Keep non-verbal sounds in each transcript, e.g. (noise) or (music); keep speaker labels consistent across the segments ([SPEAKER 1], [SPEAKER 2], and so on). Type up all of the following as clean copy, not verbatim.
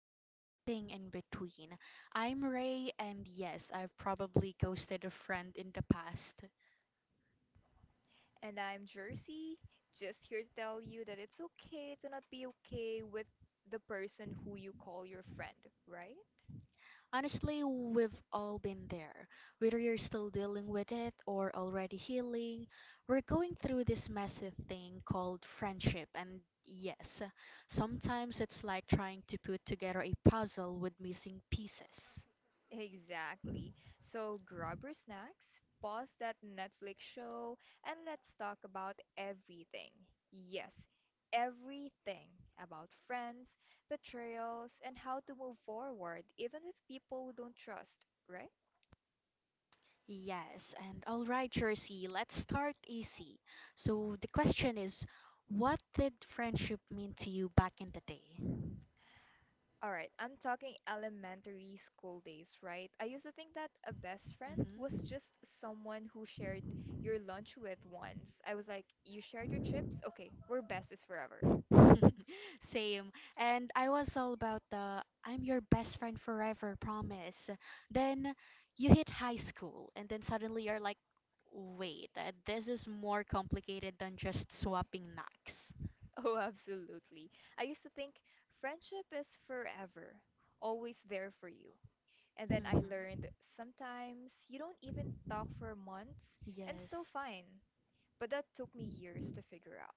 [SPEAKER 1] and Everything in Between. I'm Ray, and yes, I've probably ghosted a friend in the past.
[SPEAKER 2] And I'm Jersey, just here to tell you that it's okay to not be okay with the person who you call your friend, right?
[SPEAKER 1] Honestly, we've all been there. Whether you're still dealing with it or already healing, we're going through this messy thing called friendship, and yes, sometimes it's like trying to put together a puzzle with missing pieces.
[SPEAKER 2] Exactly. So grab your snacks, pause that Netflix show, and let's talk about everything. Yes, everything about friends, betrayals, and how to move forward, even with people who don't trust, right?
[SPEAKER 1] Yes, and all right, Jersey, let's start easy. So the question is, what did friendship mean to you back in the day?
[SPEAKER 2] All right, I'm talking elementary school days, right? I used to think that a best friend was
[SPEAKER 1] hmm
[SPEAKER 2] just someone who shared your lunch with once. I was like, you shared your chips? Okay, we're besties forever. (laughs)
[SPEAKER 1] (laughs) Same. And I was all about the I'm your best friend forever promise. Then you hit high school, and then suddenly you're like, wait, this is more complicated than just swapping knocks.
[SPEAKER 2] Oh, absolutely. I used to think friendship is forever, always there for you. And then I
[SPEAKER 1] hmm
[SPEAKER 2] learned sometimes you don't even talk for months and
[SPEAKER 1] Yes.
[SPEAKER 2] still fine. But that took me years to figure out.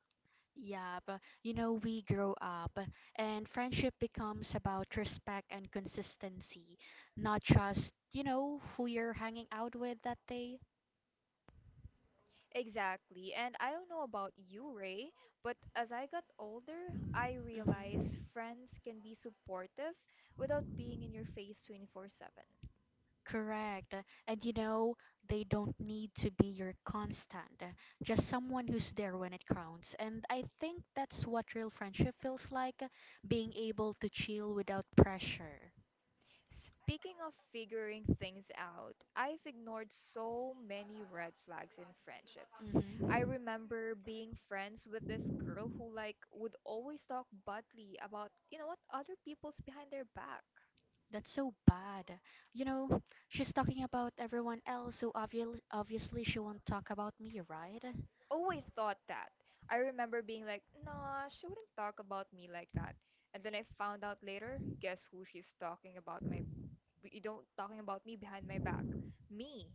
[SPEAKER 1] Yeah, but you know, we grow up and friendship becomes about respect and consistency, not just, you know, who you're hanging out with that day.
[SPEAKER 2] Exactly. And I don't know about you, Ray, but as I got older, I
[SPEAKER 1] Mm-hmm.
[SPEAKER 2] realized friends can be supportive without being in your face 24/7.
[SPEAKER 1] Correct. And you know, they don't need to be your constant, just someone who's there when it counts. And I think that's what real friendship feels like, being able to chill without pressure.
[SPEAKER 2] Speaking of figuring things out, I've ignored so many red flags in friendships. I
[SPEAKER 1] Mm-hmm.
[SPEAKER 2] remember being friends with this girl who like would always talk badly about, you know what, other people's behind their back.
[SPEAKER 1] That's so bad. You know, she's talking about everyone else, so obviously she won't talk about me, right?
[SPEAKER 2] Always thought that. I remember being like, nah, she wouldn't talk about me like that. And then I found out later, guess who she's talking about? My you don't talking about me behind my back. Me.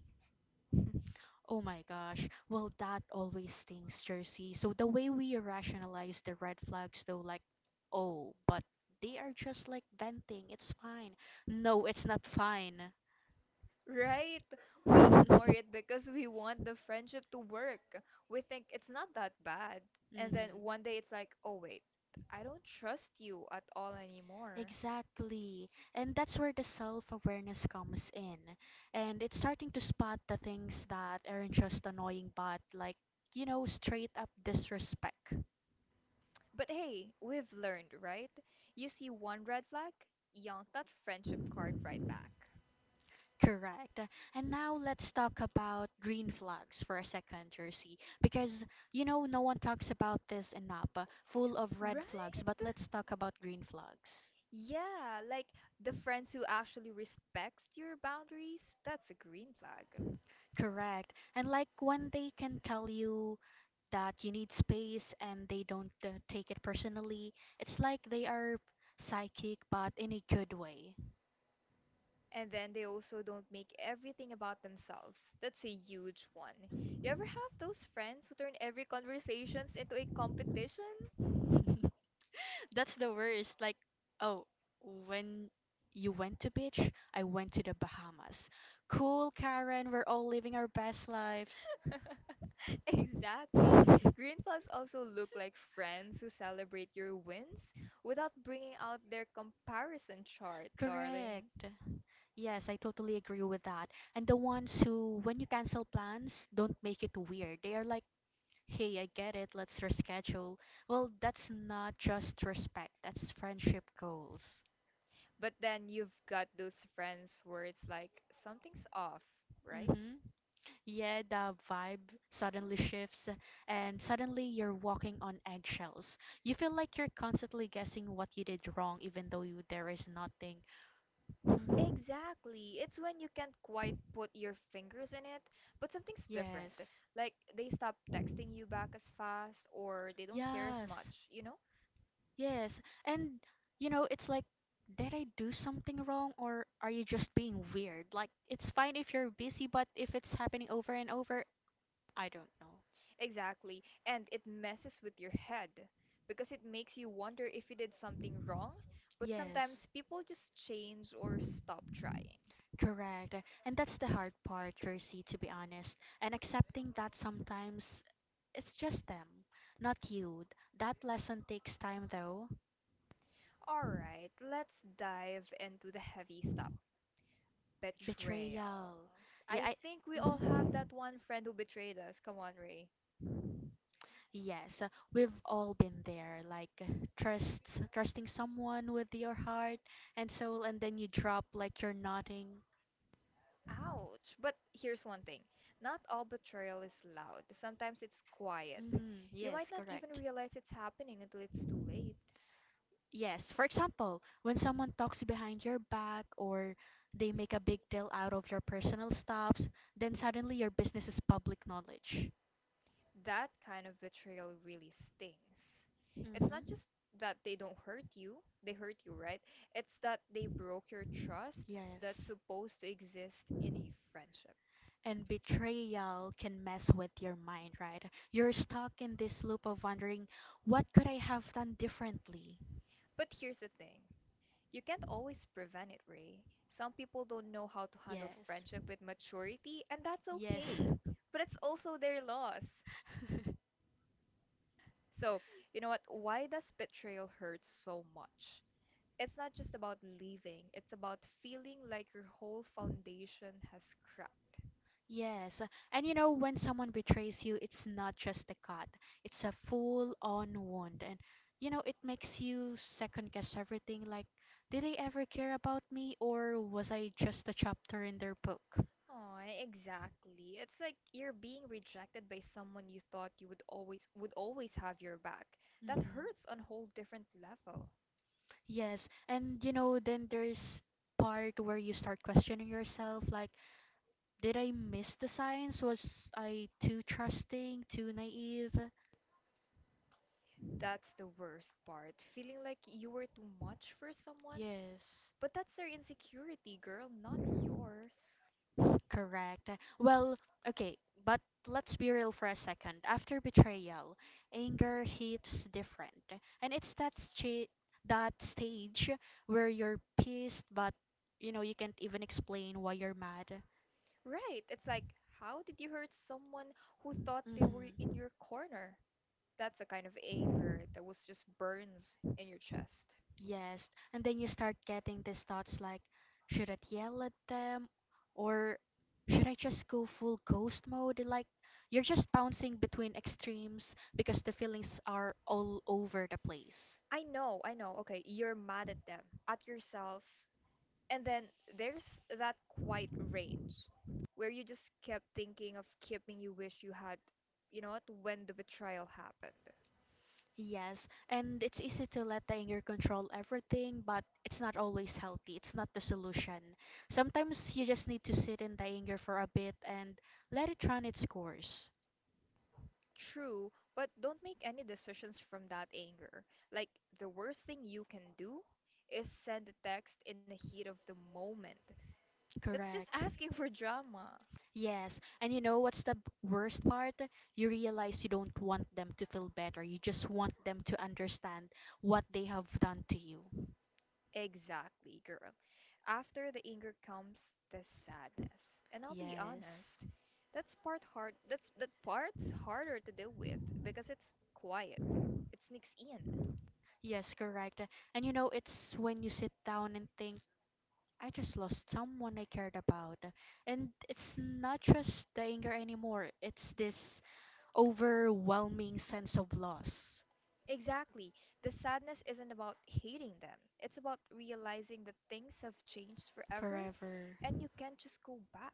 [SPEAKER 2] (laughs)
[SPEAKER 1] Oh my gosh. Well, that always stings, Jersey. So the way we rationalize the red flags, though, like, oh, but they are just like venting. It's fine. No, it's not fine.
[SPEAKER 2] Right? We ignore
[SPEAKER 1] (laughs)
[SPEAKER 2] it because we want the friendship to work. We think it's not that bad. And then
[SPEAKER 1] hmm
[SPEAKER 2] one day it's like, oh wait, I don't trust you at all anymore.
[SPEAKER 1] Exactly. And that's where the self-awareness comes in. And it's starting to spot the things that aren't just annoying, but like, you know, straight up disrespect.
[SPEAKER 2] But hey, we've learned, right? You see one red flag, yank that friendship card right back.
[SPEAKER 1] Correct. And now let's talk about green flags for a second, Jersey, because you know no one talks about this enough. Full of red
[SPEAKER 2] Right.
[SPEAKER 1] flags, but let's talk about green flags.
[SPEAKER 2] Yeah, like the friends who actually respects your boundaries, that's a green flag.
[SPEAKER 1] Correct. And like when they can tell you that you need space and they don't take it personally, it's like they are psychic but in a good way.
[SPEAKER 2] And then they also don't make everything about themselves. That's a huge one. You ever have those friends who turn every conversations into a competition?
[SPEAKER 1] (laughs) That's the worst. Like, oh, when you went to beach, I went to the Bahamas. Cool, Karen, we're all living our best lives.
[SPEAKER 2] (laughs) Exactly. Green
[SPEAKER 1] (laughs)
[SPEAKER 2] flags also look like friends who celebrate your wins without bringing out their comparison chart, darling.
[SPEAKER 1] Correct. Yes, I totally agree with that. And the ones who, when you cancel plans, don't make it weird. They are like, hey, I get it, let's reschedule. Well, that's not just respect, that's friendship goals.
[SPEAKER 2] But then you've got those friends where it's like something's off, right?
[SPEAKER 1] Mm-hmm. Yeah, the vibe suddenly shifts, and suddenly you're walking on eggshells. You feel like you're constantly guessing what you did wrong, even though you, there is nothing. Mhm.
[SPEAKER 2] Exactly. It's when you can't quite put your fingers in it, but something's different.
[SPEAKER 1] Yes.
[SPEAKER 2] Like they stop texting you back as fast or they don't care as
[SPEAKER 1] Yes.
[SPEAKER 2] much, you know?
[SPEAKER 1] Yes. And you know, it's like did I do something wrong or are you just being weird? Like it's fine if you're busy, but if it's happening over and over, I don't know.
[SPEAKER 2] Exactly. And it messes with your head because it makes you wonder if you did something wrong, but
[SPEAKER 1] Yes.
[SPEAKER 2] sometimes people just change or stop trying.
[SPEAKER 1] Correct. And that's the hard part, Jersey, to be honest. And accepting that sometimes it's just them, not you. That lesson takes time, though.
[SPEAKER 2] All right, let's dive into the heavy stuff. Betrayal.
[SPEAKER 1] Betrayal. Yeah,
[SPEAKER 2] I
[SPEAKER 1] I,
[SPEAKER 2] think we all have
[SPEAKER 1] hmm
[SPEAKER 2] that one friend who betrayed us. Come on, Ray.
[SPEAKER 1] Yes, we've all been there, like trusting someone with your heart and soul, and then you drop like you're nothing.
[SPEAKER 2] Ouch. But here's one thing. Not all betrayal is loud. Sometimes it's quiet. You might
[SPEAKER 1] Yes,
[SPEAKER 2] not even
[SPEAKER 1] correct.
[SPEAKER 2] realize it's happening until it's too late.
[SPEAKER 1] Yes, for example, when someone talks behind your back or they make a big deal out of your personal stuffs, then suddenly your business is public knowledge.
[SPEAKER 2] That kind of betrayal really stings. It's not
[SPEAKER 1] hmm
[SPEAKER 2] just that they don't hurt you, they hurt you, right? It's that they broke your trust that's
[SPEAKER 1] Yes.
[SPEAKER 2] supposed to exist in a friendship.
[SPEAKER 1] And betrayal can mess with your mind, right? You're stuck in this loop of wondering, what could I have done differently?
[SPEAKER 2] But here's the thing. You can't always prevent it, Ray. Some people don't know how to handle
[SPEAKER 1] Yes.
[SPEAKER 2] friendship with maturity, and that's
[SPEAKER 1] Yes.
[SPEAKER 2] okay. But it's also their loss.
[SPEAKER 1] (laughs)
[SPEAKER 2] So, you know what? Why does betrayal hurt so much? It's not just about leaving, it's about feeling like your whole foundation has cracked.
[SPEAKER 1] Yes. And you know, when someone betrays you, it's not just a cut, it's a full on wound. And you know, it makes you second guess everything like, did they ever care about me or was I just a chapter in their book?
[SPEAKER 2] Oh, exactly. It's like you're being rejected by someone you thought you would always have your back. That
[SPEAKER 1] hmm
[SPEAKER 2] hurts on a whole different level.
[SPEAKER 1] Yes, and you know, then there's part where you start questioning yourself, like, did I miss the signs? Was I too trusting, too naive?
[SPEAKER 2] That's the worst part, feeling like you were too much for someone.
[SPEAKER 1] Yes,
[SPEAKER 2] But that's their insecurity, girl, not yours.
[SPEAKER 1] correct. Well, okay, but let's be real for a second. After betrayal, anger hits different, and it's that sta that stage where you're pissed, but you know you can't even explain why you're mad.
[SPEAKER 2] Right, it's like, how did you hurt someone who thought they were in
[SPEAKER 1] hmm
[SPEAKER 2] your corner? That's a kind of anger that was just burns in your chest.
[SPEAKER 1] Yes. And then you start getting these thoughts like, should I yell at them? Or should I just go full ghost mode? Like, you're just bouncing between extremes because the feelings are all over the place.
[SPEAKER 2] I know, okay, you're mad at them, at yourself, and then there's that quiet range where you just kept thinking of keeping you wish you had, you know what, when the betrayal happened.
[SPEAKER 1] Yes, and it's easy to let the anger control everything, but it's not always healthy. It's not the solution. Sometimes.
[SPEAKER 2] True, but don't make any decisions from that anger. Like, the worst thing you can do is send a text in the heat of the moment. That's just (laughs) asking for drama.
[SPEAKER 1] Yes, and you know what's the worst part? You realize you don't want them to feel better. You just want them to understand what they have done to you.
[SPEAKER 2] Exactly, girl. After the anger comes the sadness. And I'll be
[SPEAKER 1] Yes.
[SPEAKER 2] honest, that part's harder to deal with because it's quiet. It sneaks in.
[SPEAKER 1] Yes, correct. And you know, it's when you sit down and think, I just lost someone I cared about. And it's not just the anger anymore, it's this overwhelming sense of loss
[SPEAKER 2] Exactly. The sadness isn't about hating them. It's about realizing that things have changed forever
[SPEAKER 1] forever.
[SPEAKER 2] and you can't just go back.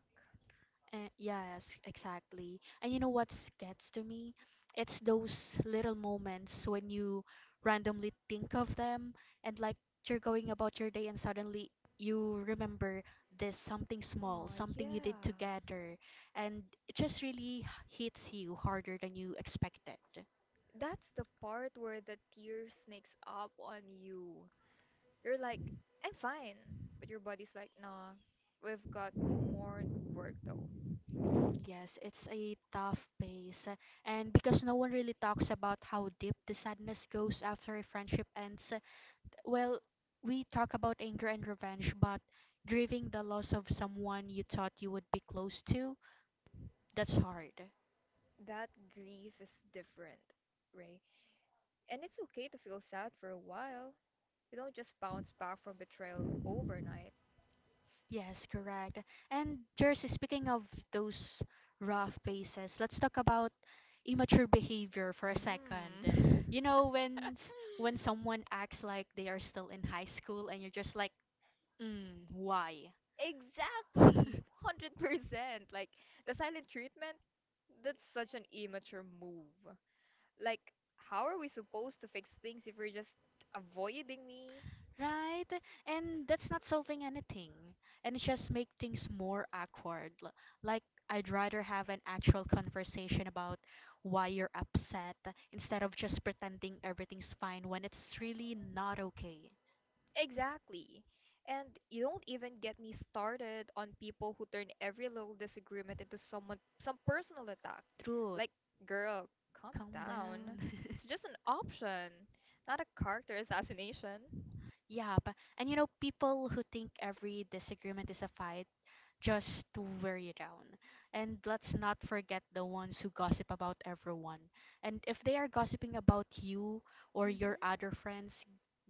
[SPEAKER 1] Yes, exactly. And you know what gets to me? It's those little moments when you randomly think of them and like you're going about your day and suddenly you remember this something small,
[SPEAKER 2] Oh,
[SPEAKER 1] something you did
[SPEAKER 2] yeah.
[SPEAKER 1] together, and it just really hits you harder than you expected.
[SPEAKER 2] That's the part where the tear sneaks up on you. You're like, I'm fine. But your body's like, nah, we've got more work though.
[SPEAKER 1] Yes, it's a tough pace. And because no one really talks about how deep the sadness goes after a friendship ends, well, we talk about anger and revenge, but grieving the loss of someone you thought you would be close to, that's hard.
[SPEAKER 2] That grief is different, Ray. And it's okay to feel sad for a while. You don't just bounce back from betrayal overnight.
[SPEAKER 1] Yes, correct. And Jersey, speaking of those rough phases, let's talk about immature behavior for a second.
[SPEAKER 2] Mm.
[SPEAKER 1] You know,
[SPEAKER 2] (laughs)
[SPEAKER 1] when when someone acts like they are still in high school and you're just like, mm, why?
[SPEAKER 2] Exactly,
[SPEAKER 1] (laughs)
[SPEAKER 2] 100%. Like the silent treatment, that's such an immature move. Like, how are we supposed to fix things if we're just avoiding me?
[SPEAKER 1] Right? And that's not solving anything. And it's just make things more awkward. Like I'd rather have an actual conversation about why you're upset instead of just pretending everything's fine when it's really not okay.
[SPEAKER 2] Exactly. And you don't even get me started on people who turn every little disagreement into some personal attack.
[SPEAKER 1] Truth,
[SPEAKER 2] Like, girl, calm
[SPEAKER 1] calm down.
[SPEAKER 2] down. It's
[SPEAKER 1] (laughs)
[SPEAKER 2] just an option, not a character assassination.
[SPEAKER 1] Yeah, but and you know people who think every disagreement is a fight just to wear you down. And let's not forget the ones who gossip about everyone. And if they are gossiping about you or your
[SPEAKER 2] Mm-hmm.
[SPEAKER 1] other friends,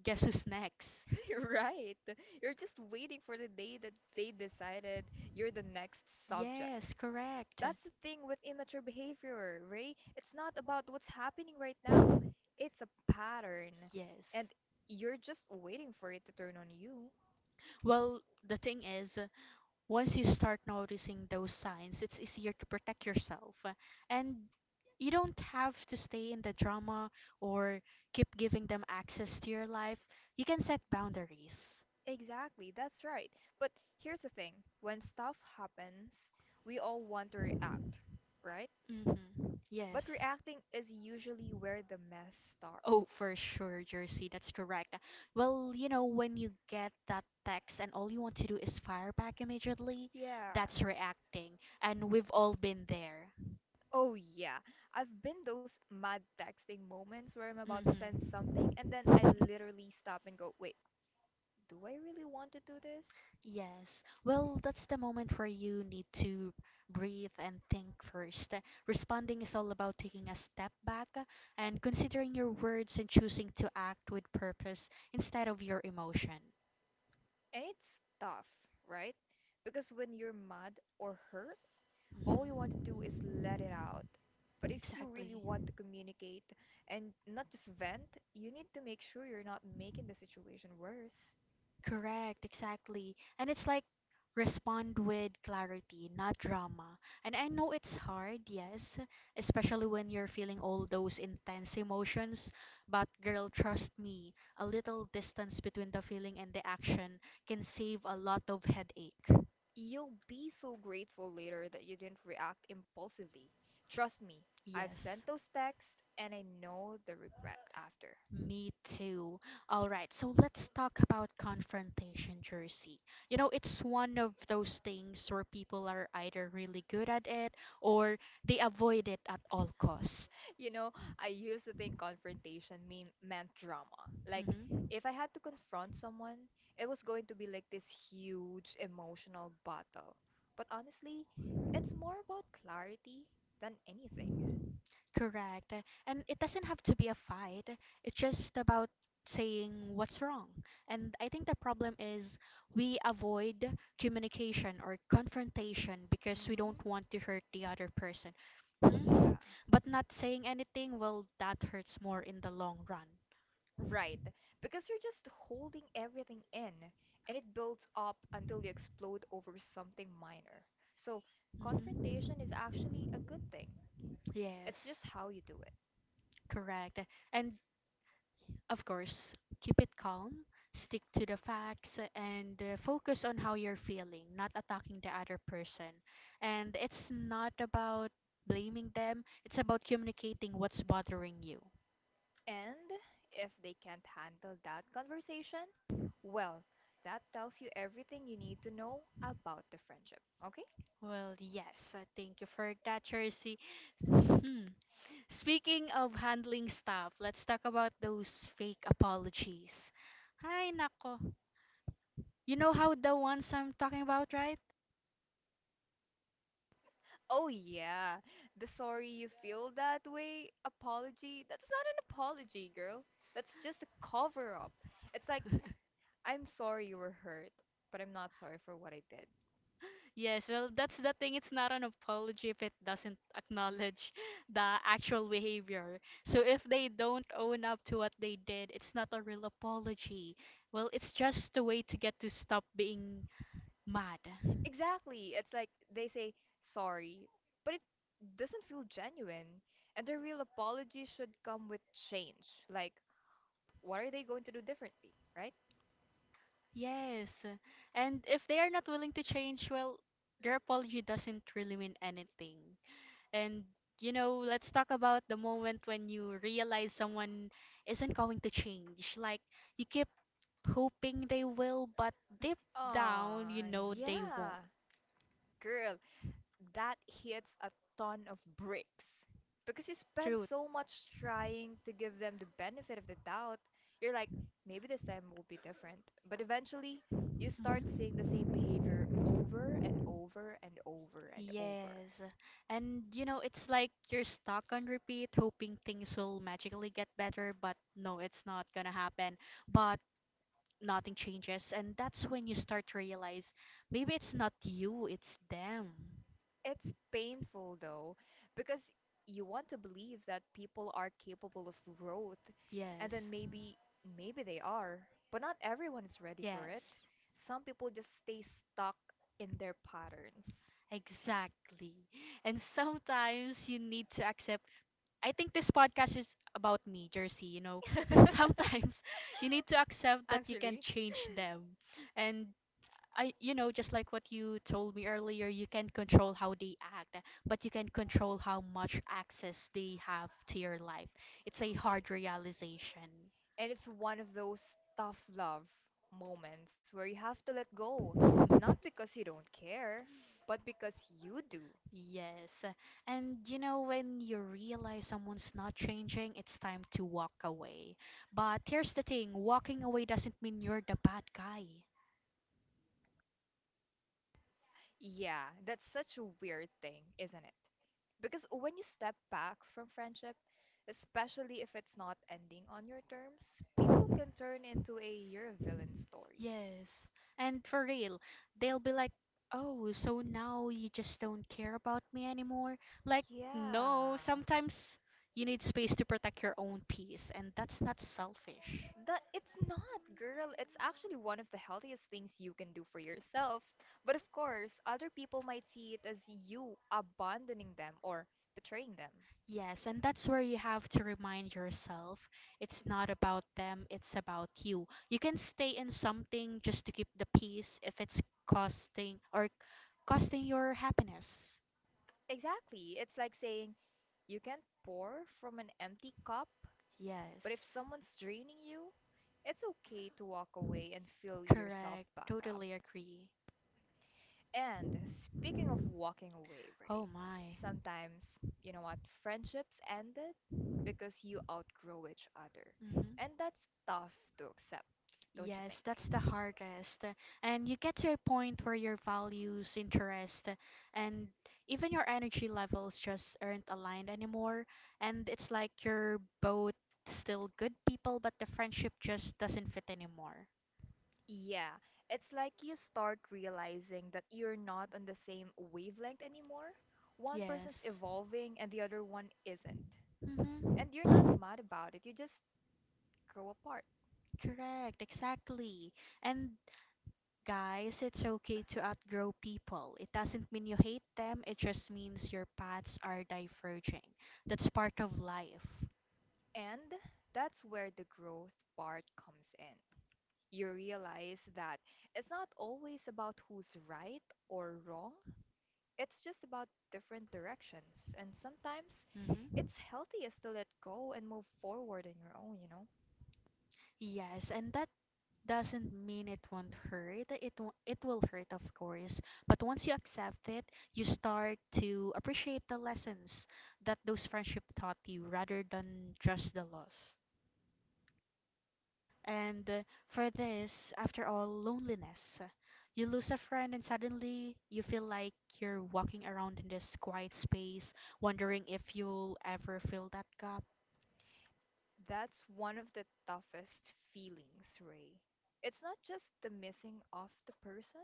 [SPEAKER 1] guess who's next?
[SPEAKER 2] (laughs) You're right. You're just waiting for the day that they decided you're the next subject.
[SPEAKER 1] Yes, correct.
[SPEAKER 2] That's the thing with immature behavior, Ray. It's not about what's happening right now.
[SPEAKER 1] (laughs)
[SPEAKER 2] It's a pattern.
[SPEAKER 1] Yes.
[SPEAKER 2] And you're just waiting for it to turn on you.
[SPEAKER 1] Well, the thing is, once you start noticing those signs, it's easier to protect yourself. And you don't have to stay in the drama or keep giving them access to your life. You can set boundaries.
[SPEAKER 2] Exactly, that's right. But here's the thing, when stuff happens, we all want to react, right?
[SPEAKER 1] Mm-hmm.
[SPEAKER 2] But
[SPEAKER 1] Yes.
[SPEAKER 2] reacting is usually where the mess
[SPEAKER 1] Oh,
[SPEAKER 2] starts.
[SPEAKER 1] for sure, Jersey. That's correct. Well, you know, when you get that text and all you want to do is fire back immediately,
[SPEAKER 2] Yeah.
[SPEAKER 1] that's reacting. And we've all been there.
[SPEAKER 2] Oh, yeah. I've been those mad texting moments where I'm about to send
[SPEAKER 1] Mm-hmm.
[SPEAKER 2] something and then I
[SPEAKER 1] (laughs)
[SPEAKER 2] literally stop and go, wait, do I really want to do this?
[SPEAKER 1] Yes. Well, that's the moment where you need to breathe and think first. Responding is all about taking a step back and considering your words and choosing to act with purpose instead of your emotion.
[SPEAKER 2] And it's tough, right? Because when you're mad or hurt, all you want
[SPEAKER 1] hmm
[SPEAKER 2] to do is let it out. But if you really
[SPEAKER 1] Exactly.
[SPEAKER 2] want to communicate and not just vent, you need to make sure you're not making the situation worse.
[SPEAKER 1] Correct, exactly. And it's like respond with clarity, not drama. And I know it's hard, yes, especially when you're feeling all those intense emotions, but girl, trust me, a little distance between the feeling and the action can save a lot of headache.
[SPEAKER 2] You'll be so grateful later that you didn't react impulsively. Trust me, I've
[SPEAKER 1] Yes.
[SPEAKER 2] sent those texts and I know the regret after.
[SPEAKER 1] Me too. All right, so let's talk about confrontation, Jersey. You know, it's one of those things where people are either really good at it or they avoid it at all costs.
[SPEAKER 2] You know, I used to think confrontation meant drama. Like
[SPEAKER 1] hmm
[SPEAKER 2] if I had to confront someone, it was going to be like this huge emotional battle. But honestly, it's more about clarity than anything.
[SPEAKER 1] Correct. And it doesn't have to be a fight. It's just about saying what's wrong. And I think the problem is we avoid communication or confrontation because we don't
[SPEAKER 2] Mm-hmm.
[SPEAKER 1] want to hurt the other person.
[SPEAKER 2] Yeah,
[SPEAKER 1] Mhm. But not saying anything, well, that hurts more in the long run.
[SPEAKER 2] right. Because you're just holding everything in and it builds up until you explode over something minor. So, confrontation is actually a
[SPEAKER 1] Mhm.
[SPEAKER 2] good thing. It's
[SPEAKER 1] Yes,
[SPEAKER 2] just how you do it.
[SPEAKER 1] correct. And of course, keep it calm, stick to the facts, and focus on how you're feeling, not attacking the other person. And it's not about blaming them, it's about communicating what's bothering you.
[SPEAKER 2] And if they can't handle that conversation, well, that tells you everything you need to know about the friendship, okay?
[SPEAKER 1] Well, yes, thank you for that, Jersey. Hmm. Speaking of handling stuff, let's talk about those fake apologies. Hi, nako. You know how the ones I'm talking about, right?
[SPEAKER 2] Oh, yeah. The sorry you feel that way apology. That's not an apology, girl. That's just a cover up. It's like,
[SPEAKER 1] (laughs)
[SPEAKER 2] I'm sorry you were hurt, but I'm not sorry for what I did.
[SPEAKER 1] Yes, well, that's the thing. It's not an apology if it doesn't (laughs) acknowledge the actual behavior. So if they don't own up to what they did, it's not a real apology. Well, it's just a way to get to stop being mad.
[SPEAKER 2] Exactly. It's like they say sorry, but it doesn't feel genuine. And a real apology should come with change. Like, what are they going to do differently, right?
[SPEAKER 1] Yes. And if they are not willing to change, well, their apology doesn't really mean anything. And, you know, let's talk about the moment when you realize someone isn't going to change. Like, you keep hoping they will, but deep down, you
[SPEAKER 2] Aw,
[SPEAKER 1] know they won't.
[SPEAKER 2] yeah. Girl, that hits a ton of bricks. Because you spend
[SPEAKER 1] Truth.
[SPEAKER 2] so much trying to give them the benefit of the doubt, you're like, maybe this time will be different. But eventually, you start
[SPEAKER 1] hmm
[SPEAKER 2] seeing the same behavior over and over and over and over.
[SPEAKER 1] Yes. And you know, it's like you're stuck on repeat, hoping things will magically get better, but no, it's not gonna happen. But nothing changes, and that's when you start to realize maybe it's not you, it's them.
[SPEAKER 2] It's painful though, because you want to believe that people are capable of growth, and
[SPEAKER 1] Yes.
[SPEAKER 2] then maybe they are, but not everyone is ready for it.
[SPEAKER 1] Yes.
[SPEAKER 2] Some people just stay stuck in their patterns.
[SPEAKER 1] Exactly. And sometimes you need to accept, I think this podcast is about me, Jersey. You know, (laughs) sometimes you need to
[SPEAKER 2] (laughs)
[SPEAKER 1] accept that you can
[SPEAKER 2] Actually,
[SPEAKER 1] change them. And I, you know, just like what you told me earlier, you can control how they act, but you can control how much access they have to your life. It's a hard realization.
[SPEAKER 2] and it's one of those tough love moments where you have to let go, not
[SPEAKER 1] (laughs)
[SPEAKER 2] because you don't care, but because you do.
[SPEAKER 1] Yes. And you know, when you realize someone's not changing, it's time to walk away. But here's the thing, walking away doesn't mean you're the bad guy.
[SPEAKER 2] Yeah, that's such a weird thing, isn't it? Because when you step back from friendship, especially if it's not ending on your terms, people can turn into a you're a villain story.
[SPEAKER 1] Yes. And for real, they'll be like, "Oh, so now you just don't care about me anymore?" Like, no,
[SPEAKER 2] Yeah.
[SPEAKER 1] sometimes you need space to protect your own peace, and that's not selfish.
[SPEAKER 2] That it's not, girl. It's actually one of the healthiest things you can do for yourself. But of course, other people might see it as you abandoning them or betraying them.
[SPEAKER 1] Yes, and that's where you have to remind yourself it's not about them, it's about you. You can stay in something just to keep the peace if it's costing or costing your happiness.
[SPEAKER 2] Exactly. It's like saying you can't pour from an empty cup. But if
[SPEAKER 1] Yes.
[SPEAKER 2] someone's draining you, it's okay to walk away and fill yourself
[SPEAKER 1] Correct.
[SPEAKER 2] back up.
[SPEAKER 1] Totally agree.
[SPEAKER 2] And speaking of walking away, Ray,
[SPEAKER 1] Oh my.
[SPEAKER 2] sometimes, you know what, friendships ended because you outgrow each other.
[SPEAKER 1] Mhm.
[SPEAKER 2] And that's tough to accept, don't you
[SPEAKER 1] Yes, that's the
[SPEAKER 2] think?
[SPEAKER 1] hardest. And you get to a point where your values, interest, and even your energy levels just aren't aligned anymore. And it's like you're both still good people, but the friendship just doesn't fit anymore.
[SPEAKER 2] Yeah, it's like you start realizing that you're not on the same wavelength anymore. One person's
[SPEAKER 1] Yes.
[SPEAKER 2] evolving and the other one isn't. And you're not
[SPEAKER 1] Mm-hmm.
[SPEAKER 2] mad about it, you just grow apart.
[SPEAKER 1] Correct, exactly. And guys, it's okay to outgrow people. It doesn't mean you hate them, it just means your paths are diverging. That's part of life.
[SPEAKER 2] And that's where the growth part comes in. You realize that it's not always about who's right or wrong, it's just about different directions. And sometimes
[SPEAKER 1] Hmm.
[SPEAKER 2] it's healthiest to let go and move forward on your own, you know?
[SPEAKER 1] Yes, and that doesn't mean it won't hurt. It will hurt, of course. But once you accept it, you start to appreciate the lessons that those friendship taught you rather than just the loss. And for this, after all, loneliness. You lose a friend and suddenly you feel like you're walking around in this quiet space, wondering if you'll ever fill that gap.
[SPEAKER 2] That's one of the toughest feelings, Ray. It's not just the missing of the person,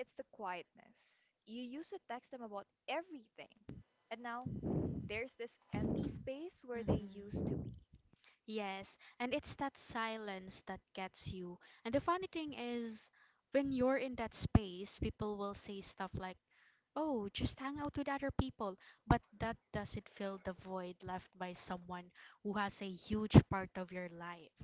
[SPEAKER 2] it's the quietness. You used to text them about everything, and now there's this empty space where they used to
[SPEAKER 1] Hmm.
[SPEAKER 2] be.
[SPEAKER 1] Yes, and it's that silence that gets you. And the funny thing is, when you're in that space, people will say stuff like, "Oh, just hang out with other people," but that doesn't fill the void left by someone who has a huge part of your life.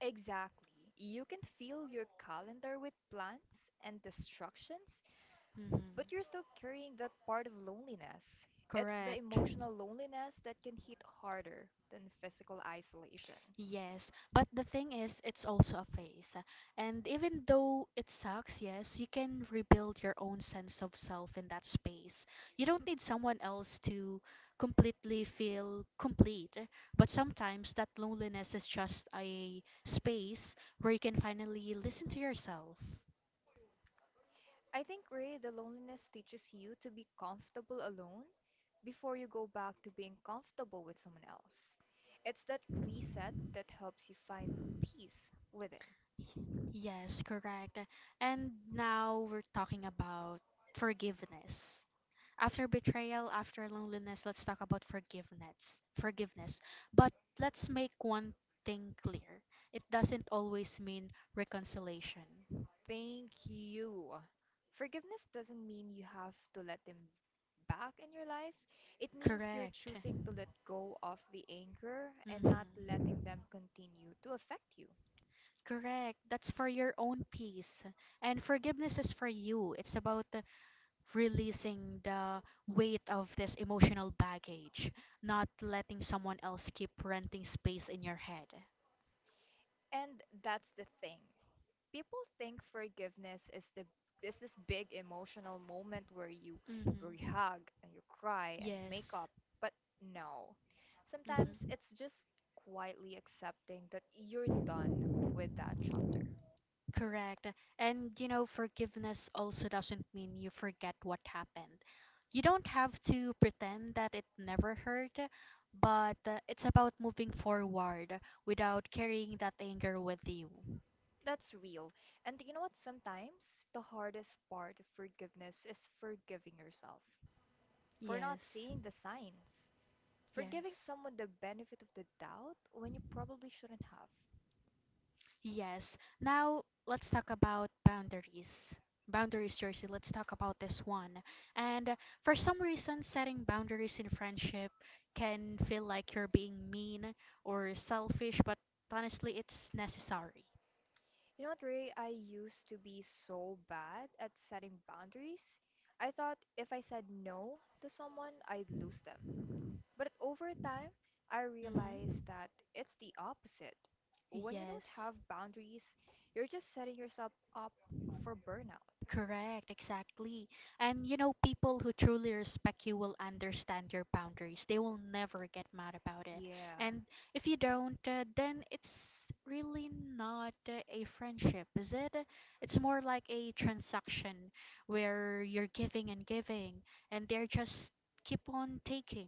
[SPEAKER 2] Exactly. You can fill your calendar with plans and distractions,
[SPEAKER 1] Hmm.
[SPEAKER 2] but you're still carrying that part of loneliness. It's the
[SPEAKER 1] Correct.
[SPEAKER 2] emotional loneliness that can hit harder than physical isolation.
[SPEAKER 1] Yes, but the thing is, it's also a phase. And even though it sucks, yes, you can rebuild your own sense of self in that space. You don't need someone else to completely feel complete. But sometimes that loneliness is just a space where you can finally listen to yourself.
[SPEAKER 2] I think, Ray, the loneliness teaches you to be comfortable alone before you go back to being comfortable with someone else. It's that reset that helps you find peace within.
[SPEAKER 1] Yes, correct. And now we're talking about forgiveness. After betrayal, after loneliness, let's talk about forgiveness. Forgiveness. But let's make one thing clear. It doesn't always mean reconciliation.
[SPEAKER 2] Thank you. Forgiveness doesn't mean you have to let them back in your life. It means you're
[SPEAKER 1] Correct.
[SPEAKER 2] choosing to let go of the anger and
[SPEAKER 1] Mm-hmm.
[SPEAKER 2] not letting them continue to affect you.
[SPEAKER 1] Correct. That's for your own peace. And forgiveness is for you. It's about releasing the weight of this emotional baggage, not letting someone else keep renting space in your head.
[SPEAKER 2] And that's the thing. People think forgiveness is this big emotional moment where you
[SPEAKER 1] Mm-hmm.
[SPEAKER 2] hug and you cry and make
[SPEAKER 1] Yes.
[SPEAKER 2] up. But no. Sometimes
[SPEAKER 1] Mm-hmm.
[SPEAKER 2] it's just quietly accepting that you're done with that chapter.
[SPEAKER 1] Correct. And you know, forgiveness also doesn't mean you forget what happened. You don't have to pretend that it never hurt, but it's about moving forward without carrying that anger with you.
[SPEAKER 2] That's real. And you know what? Sometimes the hardest part of forgiveness is forgiving yourself for not
[SPEAKER 1] Yes,
[SPEAKER 2] seeing the signs. Forgiving
[SPEAKER 1] yes.
[SPEAKER 2] someone the benefit of the doubt when you probably shouldn't have.
[SPEAKER 1] Yes. Now let's talk about boundaries. Boundaries, Jersey. Let's talk about this one. And for some reason, setting boundaries in friendship can feel like you're being mean or selfish, but honestly, it's necessary.
[SPEAKER 2] You know what, Ray? I used to be so bad at setting boundaries. I thought if I said no to someone, I'd lose them. But over time, I
[SPEAKER 1] Mm-hmm.
[SPEAKER 2] realized that it's the opposite. When you don't
[SPEAKER 1] Yes.
[SPEAKER 2] have boundaries, you're just setting yourself up for burnout.
[SPEAKER 1] Correct, exactly. And you know, people who truly respect you will understand your boundaries. They will never get mad about it.
[SPEAKER 2] Yeah,
[SPEAKER 1] And if you don't, then it's really not a friendship, is it? It's more like a transaction where you're giving and giving, and they're just keep on taking.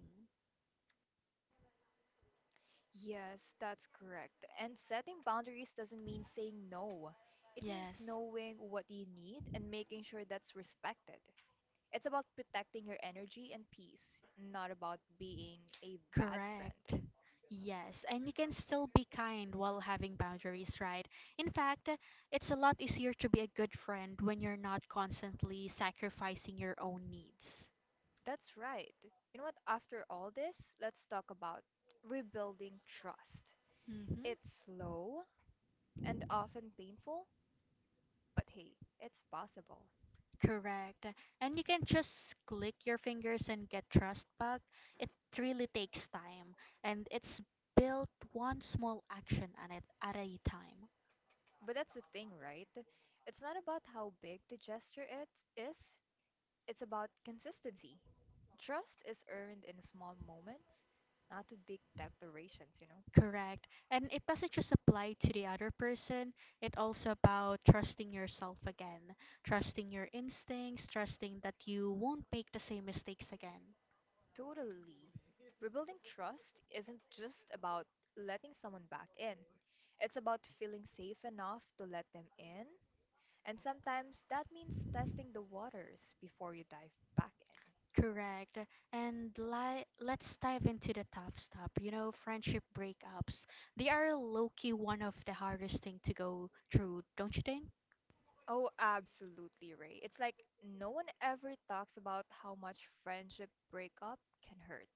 [SPEAKER 2] yes, that's correct. And setting boundaries doesn't mean saying no. It means
[SPEAKER 1] Yes,
[SPEAKER 2] knowing what you need and making sure that's respected. It's about protecting your energy and peace, not about being a bad
[SPEAKER 1] correct.
[SPEAKER 2] friend.
[SPEAKER 1] Yes, and you can still be kind while having boundaries, right? In fact, it's a lot easier to be a good friend when you're not constantly sacrificing your own needs.
[SPEAKER 2] That's right. You know what? After all this, let's talk about rebuilding trust.
[SPEAKER 1] Mm-hmm.
[SPEAKER 2] It's slow and often painful, but hey, it's possible.
[SPEAKER 1] Correct. And you can just click your fingers and get trust back. It really takes time, and it's built one small action at a time.
[SPEAKER 2] But that's the thing, right? It's not about how big the gesture it is, It's about consistency. Trust is earned in small moments, not with big declarations, you know?
[SPEAKER 1] Correct. And it doesn't just apply to the other person, it also about trusting yourself again, trusting your instincts, trusting that you won't make the same mistakes again.
[SPEAKER 2] Totally. Rebuilding trust isn't just about letting someone back in, it's about feeling safe enough to let them in. And sometimes that means testing the waters before you dive back in.
[SPEAKER 1] Correct. And let's dive into the tough stuff. You know, friendship breakups. They are low key one of the hardest thing to go through, don't you think?
[SPEAKER 2] Oh, absolutely, Ray. It's like no one ever talks about how much friendship breakup can hurt.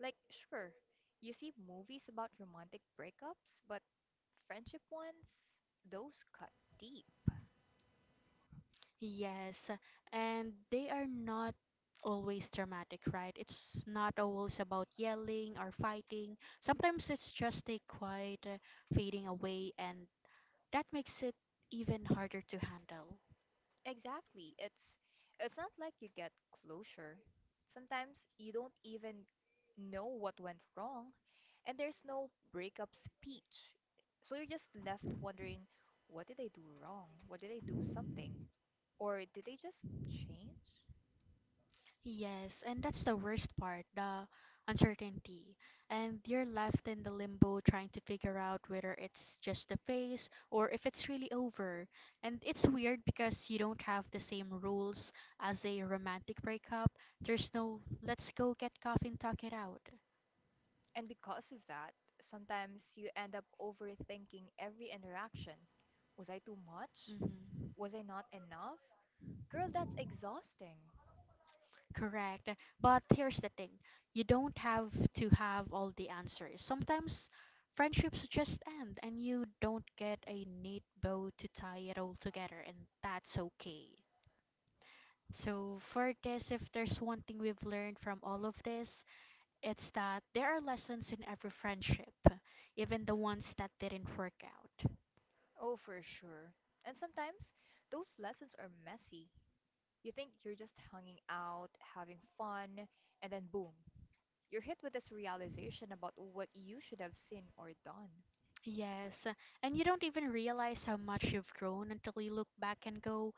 [SPEAKER 2] Like, sure, you see movies about romantic breakups, but friendship ones, those cut deep.
[SPEAKER 1] Yes, and they are not always dramatic, right? It's not always about yelling or fighting. Sometimes it's just a quiet fading away, and that makes it even harder to handle.
[SPEAKER 2] Exactly. It's not like you get closure. Sometimes you don't even know what went wrong, and there's no breakup speech. So you're just left wondering, what did I do wrong? What did I do something? Or did they just change?
[SPEAKER 1] Yes, and that's the worst part, the uncertainty. And you're left in the limbo trying to figure out whether it's just a phase or if it's really over. And it's weird because you don't have the same rules as a romantic breakup. There's no let's go get coffee and talk it out.
[SPEAKER 2] And because of that, sometimes you end up overthinking every interaction. Was I too much?
[SPEAKER 1] Hmm.
[SPEAKER 2] Was I not enough? Girl, that's exhausting.
[SPEAKER 1] Correct. But here's the thing. You don't have to have all the answers. Sometimes friendships just end and you don't get a neat bow to tie it all together, and that's okay. So, for this, if there's one thing we've learned from all of this, it's that there are lessons in every friendship, even the ones that didn't work out.
[SPEAKER 2] Oh, for sure. And sometimes those lessons are messy. You think you're just hanging out, having fun, and then boom, you're hit with this realization about what you should have seen or done.
[SPEAKER 1] Yes, and you don't even realize how much you've grown until you look back and go,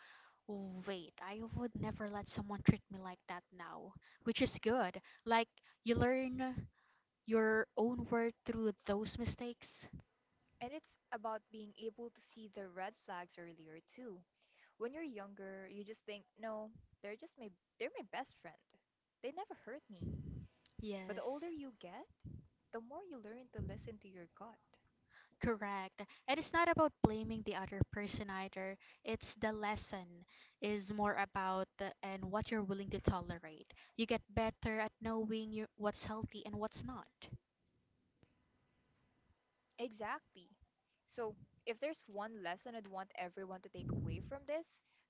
[SPEAKER 1] wait, I would never let someone treat me like that now. Which is good. Like, you learn your own worth through those mistakes.
[SPEAKER 2] And it's about being able to see the red flags earlier too. When you're younger, you just think, "No, they're just my they're my best friend. They never hurt me." But the
[SPEAKER 1] Yes,
[SPEAKER 2] older you get, the more you learn to listen to your gut.
[SPEAKER 1] correct. And it's not about blaming the other person either. It's the lesson is more about the, and what you're willing to tolerate. You get better at knowing your, what's healthy and what's not.
[SPEAKER 2] Exactly. So, if there's one lesson I'd want everyone to take away from this,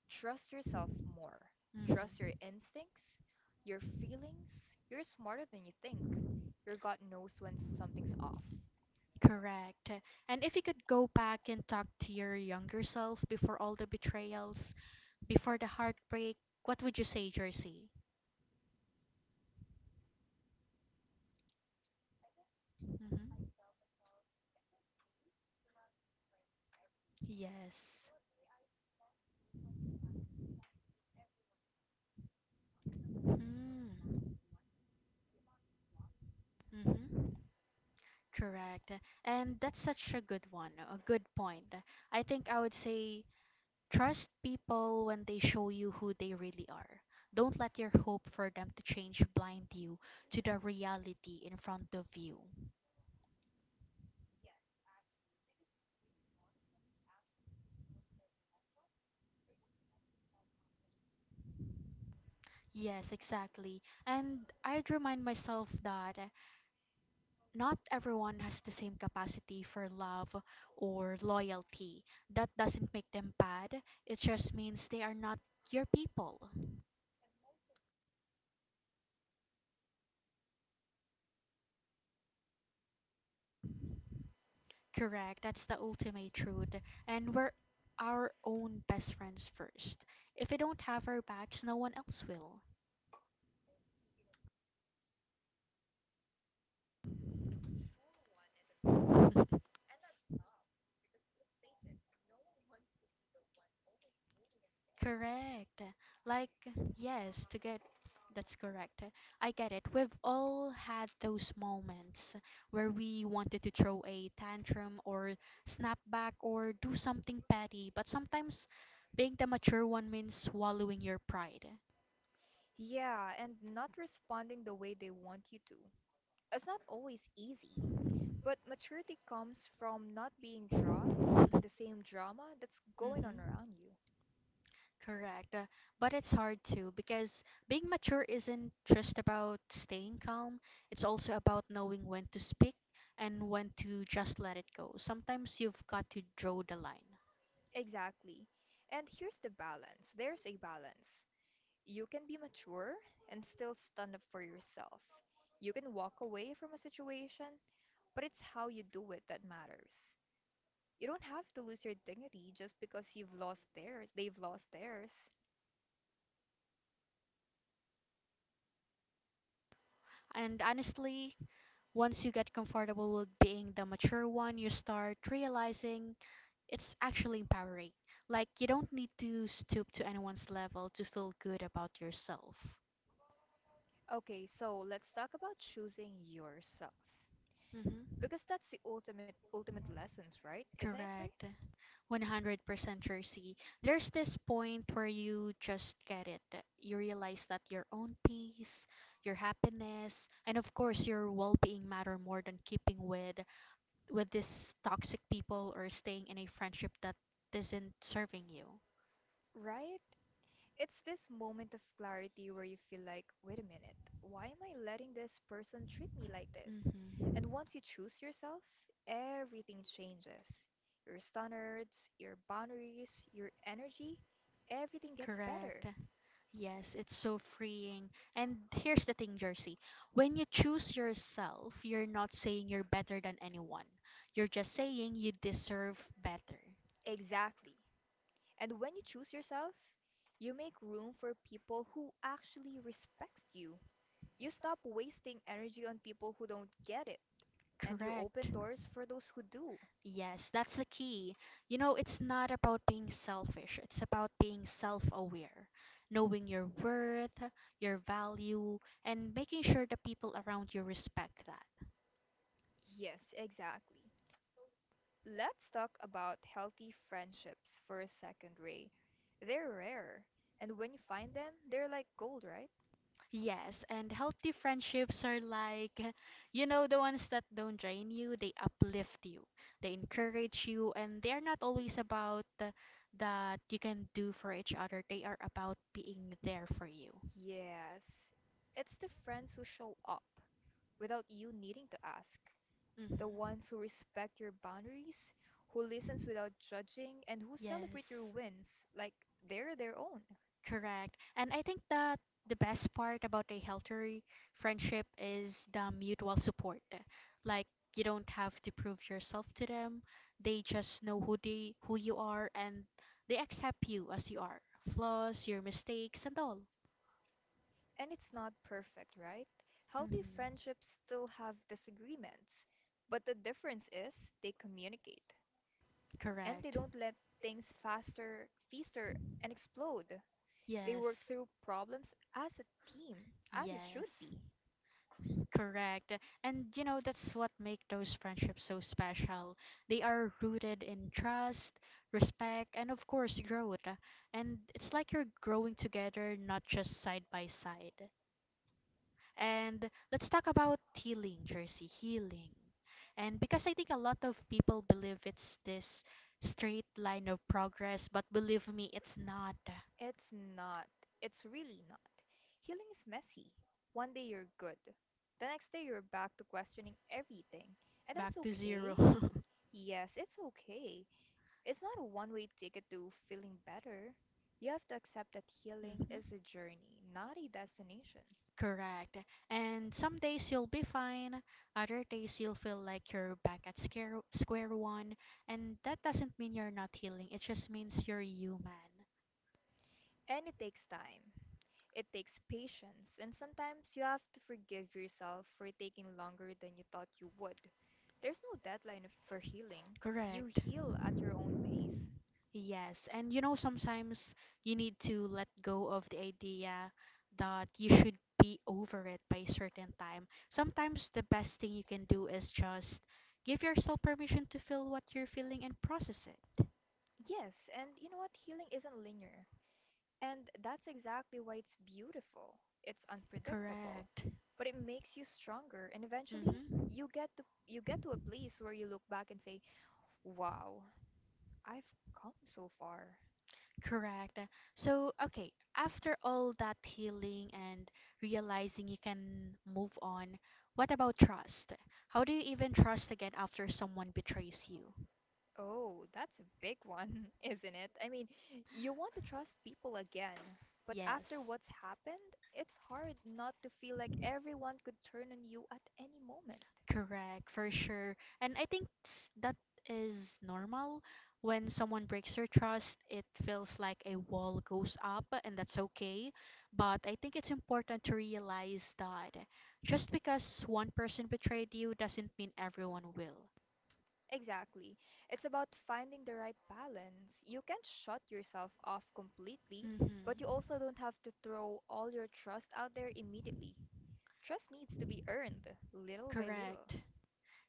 [SPEAKER 2] trust yourself more. Trust your
[SPEAKER 1] Hmm.
[SPEAKER 2] instincts, your feelings. You're smarter than you think. Your gut knows when something's off.
[SPEAKER 1] Correct. And if you could go back and talk to your younger self before all the betrayals, before the heartbreak, what would you say, Jersey? Hmm. Yes. Hmm. Mm-hmm. Correct. And that's such a good one, a good point. I think I would say trust people when they show you who they really are. Don't let your hope for them to change blind you to the reality in front of you. Yes, exactly. And I'd remind myself that not everyone has the same capacity for love or loyalty. That doesn't make them bad, it just means they are not your people. Correct, that's the ultimate truth. And we're our own best friends first. If we don't have our backs, no one else will. Correct. Like, yes, to get that's correct. I get it. We've all had those moments where we wanted to throw a tantrum or snap back or do something petty, but sometimes being the mature one means swallowing your pride.
[SPEAKER 2] Yeah, and not responding the way they want you to. It's not always easy, but maturity comes from not being
[SPEAKER 1] (laughs)
[SPEAKER 2] dragged into
[SPEAKER 1] Hmm.
[SPEAKER 2] the same drama that's going on around you.
[SPEAKER 1] Correct. But it's hard too because being mature isn't just about staying calm, it's also about knowing when to speak and when to just let it go. Sometimes you've got to draw the line.
[SPEAKER 2] Exactly. And here's there's a balance. You can be mature and still stand up for yourself. You can walk away from a situation, but it's how you do it that matters. You don't have to lose your dignity just because they've lost theirs.
[SPEAKER 1] And honestly, once you get comfortable with being the mature one, you start realizing it's actually empowering. Like, you don't need to stoop to anyone's level to feel good about yourself.
[SPEAKER 2] Okay, so let's talk about choosing yourself.
[SPEAKER 1] Mm-hmm.
[SPEAKER 2] Because that's the ultimate lessons, right? Isn't it, Ray?
[SPEAKER 1] Correct. 100% Jersey. There's this point where you just get it. You realize that your own peace, your happiness, and of course your well-being matter more than keeping with this toxic people or staying in a friendship that isn't serving you.
[SPEAKER 2] Right? It's this moment of clarity where you feel like, wait a minute, why am I letting this person treat me like this? And
[SPEAKER 1] Mm-hmm.
[SPEAKER 2] once you choose yourself, everything changes. Your standards, your boundaries, your energy, everything gets
[SPEAKER 1] Correct.
[SPEAKER 2] better.
[SPEAKER 1] Yes, it's so freeing. And here's the thing, Jersey. When you choose yourself, you're not saying you're better than anyone. You're just saying you deserve better.
[SPEAKER 2] Exactly. And when you choose yourself, you make room for people who actually respect you. You stop wasting energy on people who don't get it, and you open
[SPEAKER 1] Correct.
[SPEAKER 2] doors for those who do.
[SPEAKER 1] Yes, that's the key. You know, it's not about being selfish, it's about being self aware, knowing your worth, your value, and making sure the people around you respect that.
[SPEAKER 2] Yes, exactly. Let's talk about healthy friendships for a second, Ray. They're rare, and when you find them, they're like gold, right?
[SPEAKER 1] Yes, and healthy friendships are like, (laughs) you know, the ones that don't drain you, they uplift you, they encourage you, and they are not always about that you can do for each other, they are about being there for you.
[SPEAKER 2] Yes. It's the friends who show up without you needing to ask.
[SPEAKER 1] Hmm.
[SPEAKER 2] The ones who respect your boundaries, who listens without judging, and who celebrate
[SPEAKER 1] Yes.
[SPEAKER 2] your wins like they're their own.
[SPEAKER 1] Correct. And I think that the best part about a healthy friendship is the mutual support. Like you don't have to prove yourself to them. They just know who they who you are and they accept you as you are. Flaws, your mistakes and all.
[SPEAKER 2] And it's not perfect, right? Healthy
[SPEAKER 1] Mhm.
[SPEAKER 2] friendships still have disagreements, but the difference is they communicate and they
[SPEAKER 1] Correct.
[SPEAKER 2] don't let things fester, and explode. They work
[SPEAKER 1] Yes.
[SPEAKER 2] through problems as a team, as it should
[SPEAKER 1] Yes.
[SPEAKER 2] be.
[SPEAKER 1] Correct. And you know, that's what make those friendships so special. They are rooted in trust, respect, and of course, growth. And it's like you're growing together, not just side by side. And let's talk about healing, Jersey, healing. And because I think a lot of people believe it's this straight line of progress, but believe me, it's not.
[SPEAKER 2] It's not. It's really not. Healing is messy. One day you're good, the next day you're back to questioning everything, and that's
[SPEAKER 1] Back to zero. (laughs)
[SPEAKER 2] okay.
[SPEAKER 1] Hmm.
[SPEAKER 2] Yes, it's okay. It's not a one way ticket to feeling better. You have to accept that healing is a journey, not a destination.
[SPEAKER 1] Correct. And some days you'll be fine, other days you'll feel like you're back at square one, and that doesn't mean you're not healing, it just means you're human.
[SPEAKER 2] And it takes time, it takes patience, and sometimes you have to forgive yourself for taking longer than you thought you would. There's no deadline for healing. You
[SPEAKER 1] Correct.
[SPEAKER 2] heal at your own pace.
[SPEAKER 1] Yes, and you know, sometimes you need to let go of the idea that you should be over it by a certain time. Sometimes the best thing you can do is just give yourself permission to feel what you're feeling and process it.
[SPEAKER 2] Yes, and you know what? Healing isn't linear. And that's exactly why it's beautiful. It's unpredictable,
[SPEAKER 1] Correct.
[SPEAKER 2] but it makes you stronger and eventually
[SPEAKER 1] Mm-hmm.
[SPEAKER 2] you get to a place where you look back and say, "Wow, I've come so far."
[SPEAKER 1] Correct. So, okay, after all that healing and realizing you can move on, what about trust? How do you even trust again after someone betrays you?
[SPEAKER 2] Oh, that's a big one, (laughs) isn't it? I mean, you want to trust people again, but after
[SPEAKER 1] Yes,
[SPEAKER 2] what's happened, it's hard not to feel like everyone could turn on you at any moment.
[SPEAKER 1] correct, for sure. And I think that is normal. When someone breaks your trust, it feels like a wall goes up, and that's okay. But I think it's important to realize that just because one person betrayed you doesn't mean everyone will.
[SPEAKER 2] Exactly. It's about finding the right balance. You can't shut yourself off completely, but you
[SPEAKER 1] Mm-hmm.
[SPEAKER 2] also don't have to throw all your trust out there immediately. Trust needs to be earned, little by little.
[SPEAKER 1] Correct.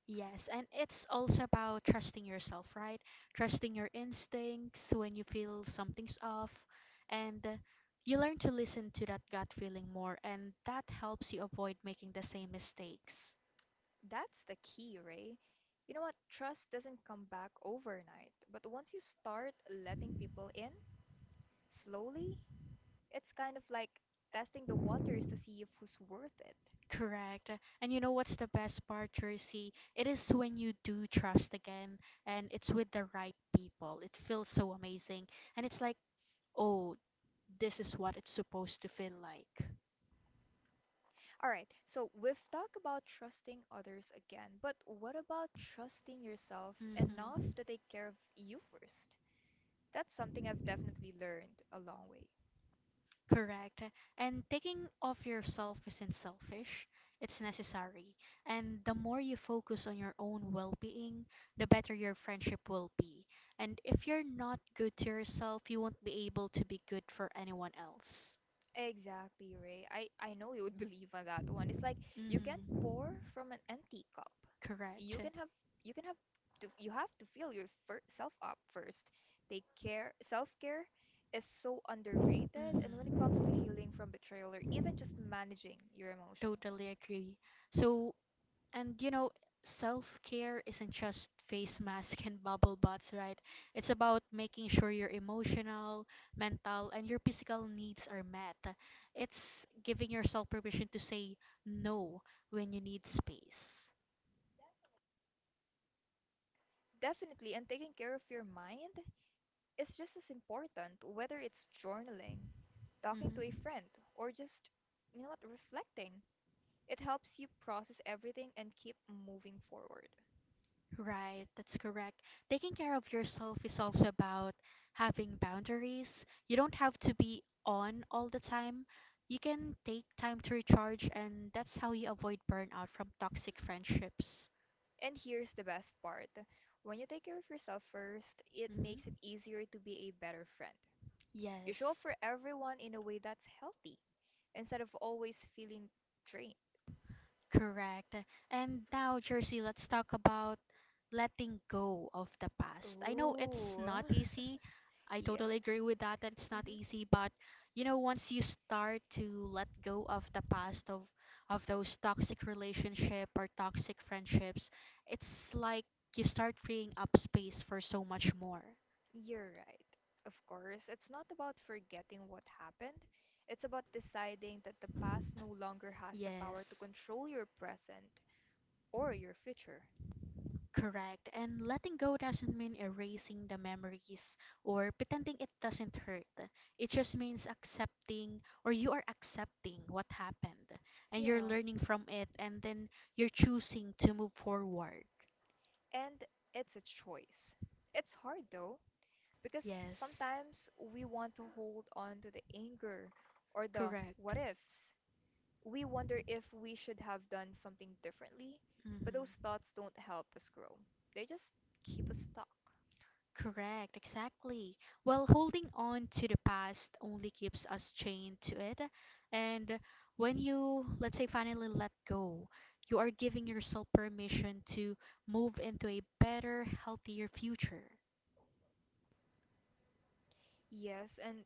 [SPEAKER 1] Yes. And it's also about trusting yourself, right? Trusting your instincts when you feel something's off. And You learn to listen to that gut feeling more, and that helps you avoid making the same mistakes.
[SPEAKER 2] That's the key, Ray. You know what? Trust doesn't come back overnight, but once you start letting people in, slowly, it's kind of like testing the waters to see if who's worth it.
[SPEAKER 1] Correct. And you know what's the best part, Jersey? It is when you do trust again and it's with the right people. It feels so amazing. And it's like, oh, this is what it's supposed to feel like.
[SPEAKER 2] All right, so we've talked about trusting others again, but what about trusting yourself enough
[SPEAKER 1] Mm-hmm.
[SPEAKER 2] to take care of you first? That's something I've definitely learned a long way.
[SPEAKER 1] Correct. And taking off yourself isn't selfish, it's necessary. And the more you focus on your own well being, the better your friendship will be. And if you're not good to yourself, you won't be able to be good for anyone else.
[SPEAKER 2] Exactly, Ray. I know you would (laughs) believe on that one. It's like you can not
[SPEAKER 1] Mm-hmm.
[SPEAKER 2] pour from an empty cup. You
[SPEAKER 1] Correct.
[SPEAKER 2] can have you can have you have to fill your fir self up first. Take care. Self-care is so underrated, and when it
[SPEAKER 1] Mm-hmm.
[SPEAKER 2] comes to healing from betrayal or even just managing your emotions.
[SPEAKER 1] Totally agree. So, And you know, self care isn't just face mask and (laughs) bubble baths, right? It's about making sure your emotional, mental, and your physical needs are met. It's giving yourself permission to say no when you need space.
[SPEAKER 2] Definitely, and taking care of your mind is just as important, whether it's journaling,
[SPEAKER 1] Hmm.
[SPEAKER 2] talking to a friend, or just, you know what, reflecting. It helps you process everything and keep moving forward.
[SPEAKER 1] Right, that's correct. Taking care of yourself is also about having boundaries. You don't have to be on all the time. You can take time to recharge, and that's how you avoid burnout from toxic friendships.
[SPEAKER 2] And here's the best part. When you take care of yourself first, it makes it
[SPEAKER 1] Mm-hmm.
[SPEAKER 2] easier to be a better friend. You show up
[SPEAKER 1] Yes.
[SPEAKER 2] for everyone in a way that's healthy instead of always feeling drained.
[SPEAKER 1] Correct. And now, Jersey, let's talk about letting go of the past. I know it's
[SPEAKER 2] Ooh.
[SPEAKER 1] not
[SPEAKER 2] (laughs)
[SPEAKER 1] easy. I
[SPEAKER 2] Yeah.
[SPEAKER 1] totally agree with that, that it's not
[SPEAKER 2] Mhm.
[SPEAKER 1] easy, but you know, once you start to let go of the past of those toxic relationship or toxic friendships, it's like you start freeing up space for so much more.
[SPEAKER 2] You're right. Of course, it's not about forgetting what happened. It's about deciding that the past no longer has the power to
[SPEAKER 1] Yes.
[SPEAKER 2] control your present or your future.
[SPEAKER 1] Correct. And letting go doesn't mean erasing the memories or pretending it doesn't hurt. It just means accepting or you are accepting what happened and you're
[SPEAKER 2] Yeah.
[SPEAKER 1] learning from it, and then you're choosing to move forward.
[SPEAKER 2] And it's a choice. It's hard though, because
[SPEAKER 1] Yes.
[SPEAKER 2] sometimes we want to hold on to the anger or the
[SPEAKER 1] Correct.
[SPEAKER 2] what ifs. We wonder if we should have done something differently, but those
[SPEAKER 1] Hmm.
[SPEAKER 2] thoughts don't help us grow. They just keep us stuck.
[SPEAKER 1] Correct, exactly. While holding on to the past only keeps us chained to it. And when you, let's say, finally let go, you are giving yourself permission to move into a better, healthier future.
[SPEAKER 2] Yes, and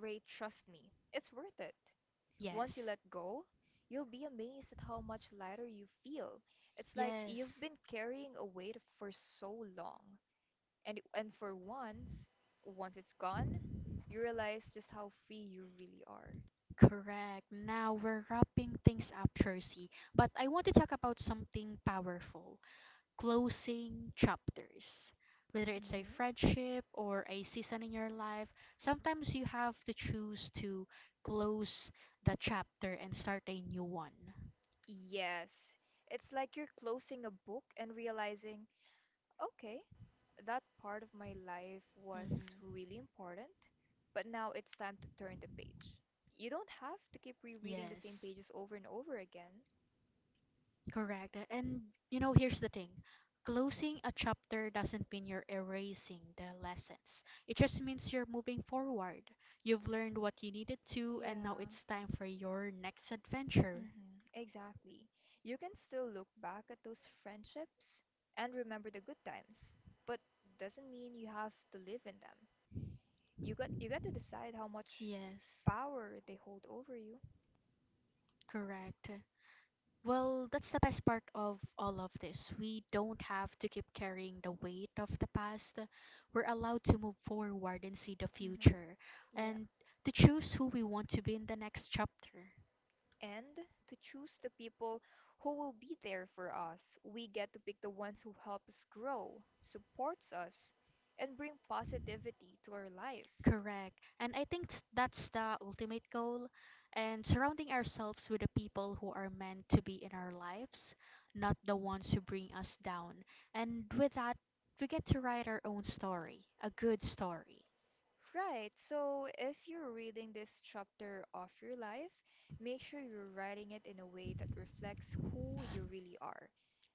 [SPEAKER 2] Ray, trust me, it's worth it. Once you
[SPEAKER 1] Yes.
[SPEAKER 2] let go, you'll be amazed at how much lighter you feel. It's like you've
[SPEAKER 1] Yes.
[SPEAKER 2] been carrying a weight for so long, and for once, once it's gone, you realize just how free you really are.
[SPEAKER 1] Correct. Now we're wrapping things up, Jersey, but I want to talk about something powerful: closing chapters. Whether it's a
[SPEAKER 2] Hmm.
[SPEAKER 1] friendship or a season in your life, sometimes you have to choose to close the chapter and start a new one.
[SPEAKER 2] Yes, it's like you're closing a book and realizing okay, that part of my life
[SPEAKER 1] Hmm.
[SPEAKER 2] was really important, but now it's time to turn the page. You don't have to keep rereading the same
[SPEAKER 1] Yes,
[SPEAKER 2] pages over and over again.
[SPEAKER 1] correct. And you know, here's the thing. Closing a chapter doesn't mean you're erasing the lessons. It just means you're moving forward. You've learned what you needed to, and now
[SPEAKER 2] Yeah,
[SPEAKER 1] it's time for your next adventure.
[SPEAKER 2] hmm, exactly. You can still look back at those friendships and remember the good times, but doesn't mean you have to live in them. You got to decide how much
[SPEAKER 1] Yes,
[SPEAKER 2] power they hold over you.
[SPEAKER 1] correct. Well, that's the best part of all of this. We don't have to keep carrying the weight of the past. We're allowed to move forward and see the
[SPEAKER 2] Hmm.
[SPEAKER 1] future,
[SPEAKER 2] Yeah.
[SPEAKER 1] and to choose who we want to be in the next chapter.
[SPEAKER 2] And to choose the people who will be there for us. We get to pick the ones who help us grow, supports us, and bring positivity to our lives.
[SPEAKER 1] Correct. And I think that's the ultimate goal, and surrounding ourselves with the people who are meant to be in our lives, not the ones who bring us down. And with that, we get to write our own story, a good story.
[SPEAKER 2] Right, so if you're reading this chapter of your life, make sure you're writing it in a way that reflects who you really are.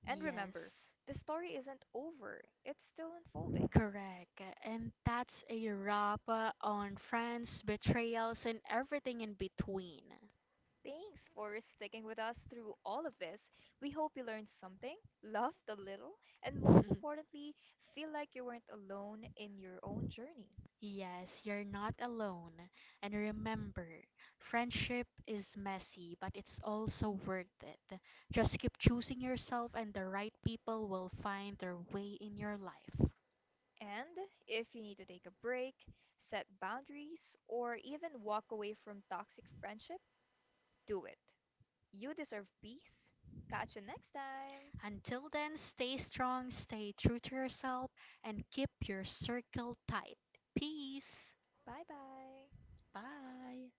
[SPEAKER 2] And remember,
[SPEAKER 1] Yes.
[SPEAKER 2] the story isn't over, it's still unfolding.
[SPEAKER 1] Correct. And that's a wrap on friends, betrayals, and everything in between.
[SPEAKER 2] Thanks for sticking with us through all of this. We hope you learned something, laughed a little, and most
[SPEAKER 1] (laughs)
[SPEAKER 2] importantly, feel like you weren't alone in your own journey.
[SPEAKER 1] Yes, you're not alone. And remember, friendship is messy, but it's also worth it. Just keep choosing yourself, and the right people will find their way in your life.
[SPEAKER 2] And if you need to take a break, set boundaries, or even walk away from toxic friendship, do it. You deserve peace. Catch you next time.
[SPEAKER 1] Until then, stay strong, stay true to yourself, and keep your circle tight. Peace.
[SPEAKER 2] Bye bye.
[SPEAKER 1] Bye.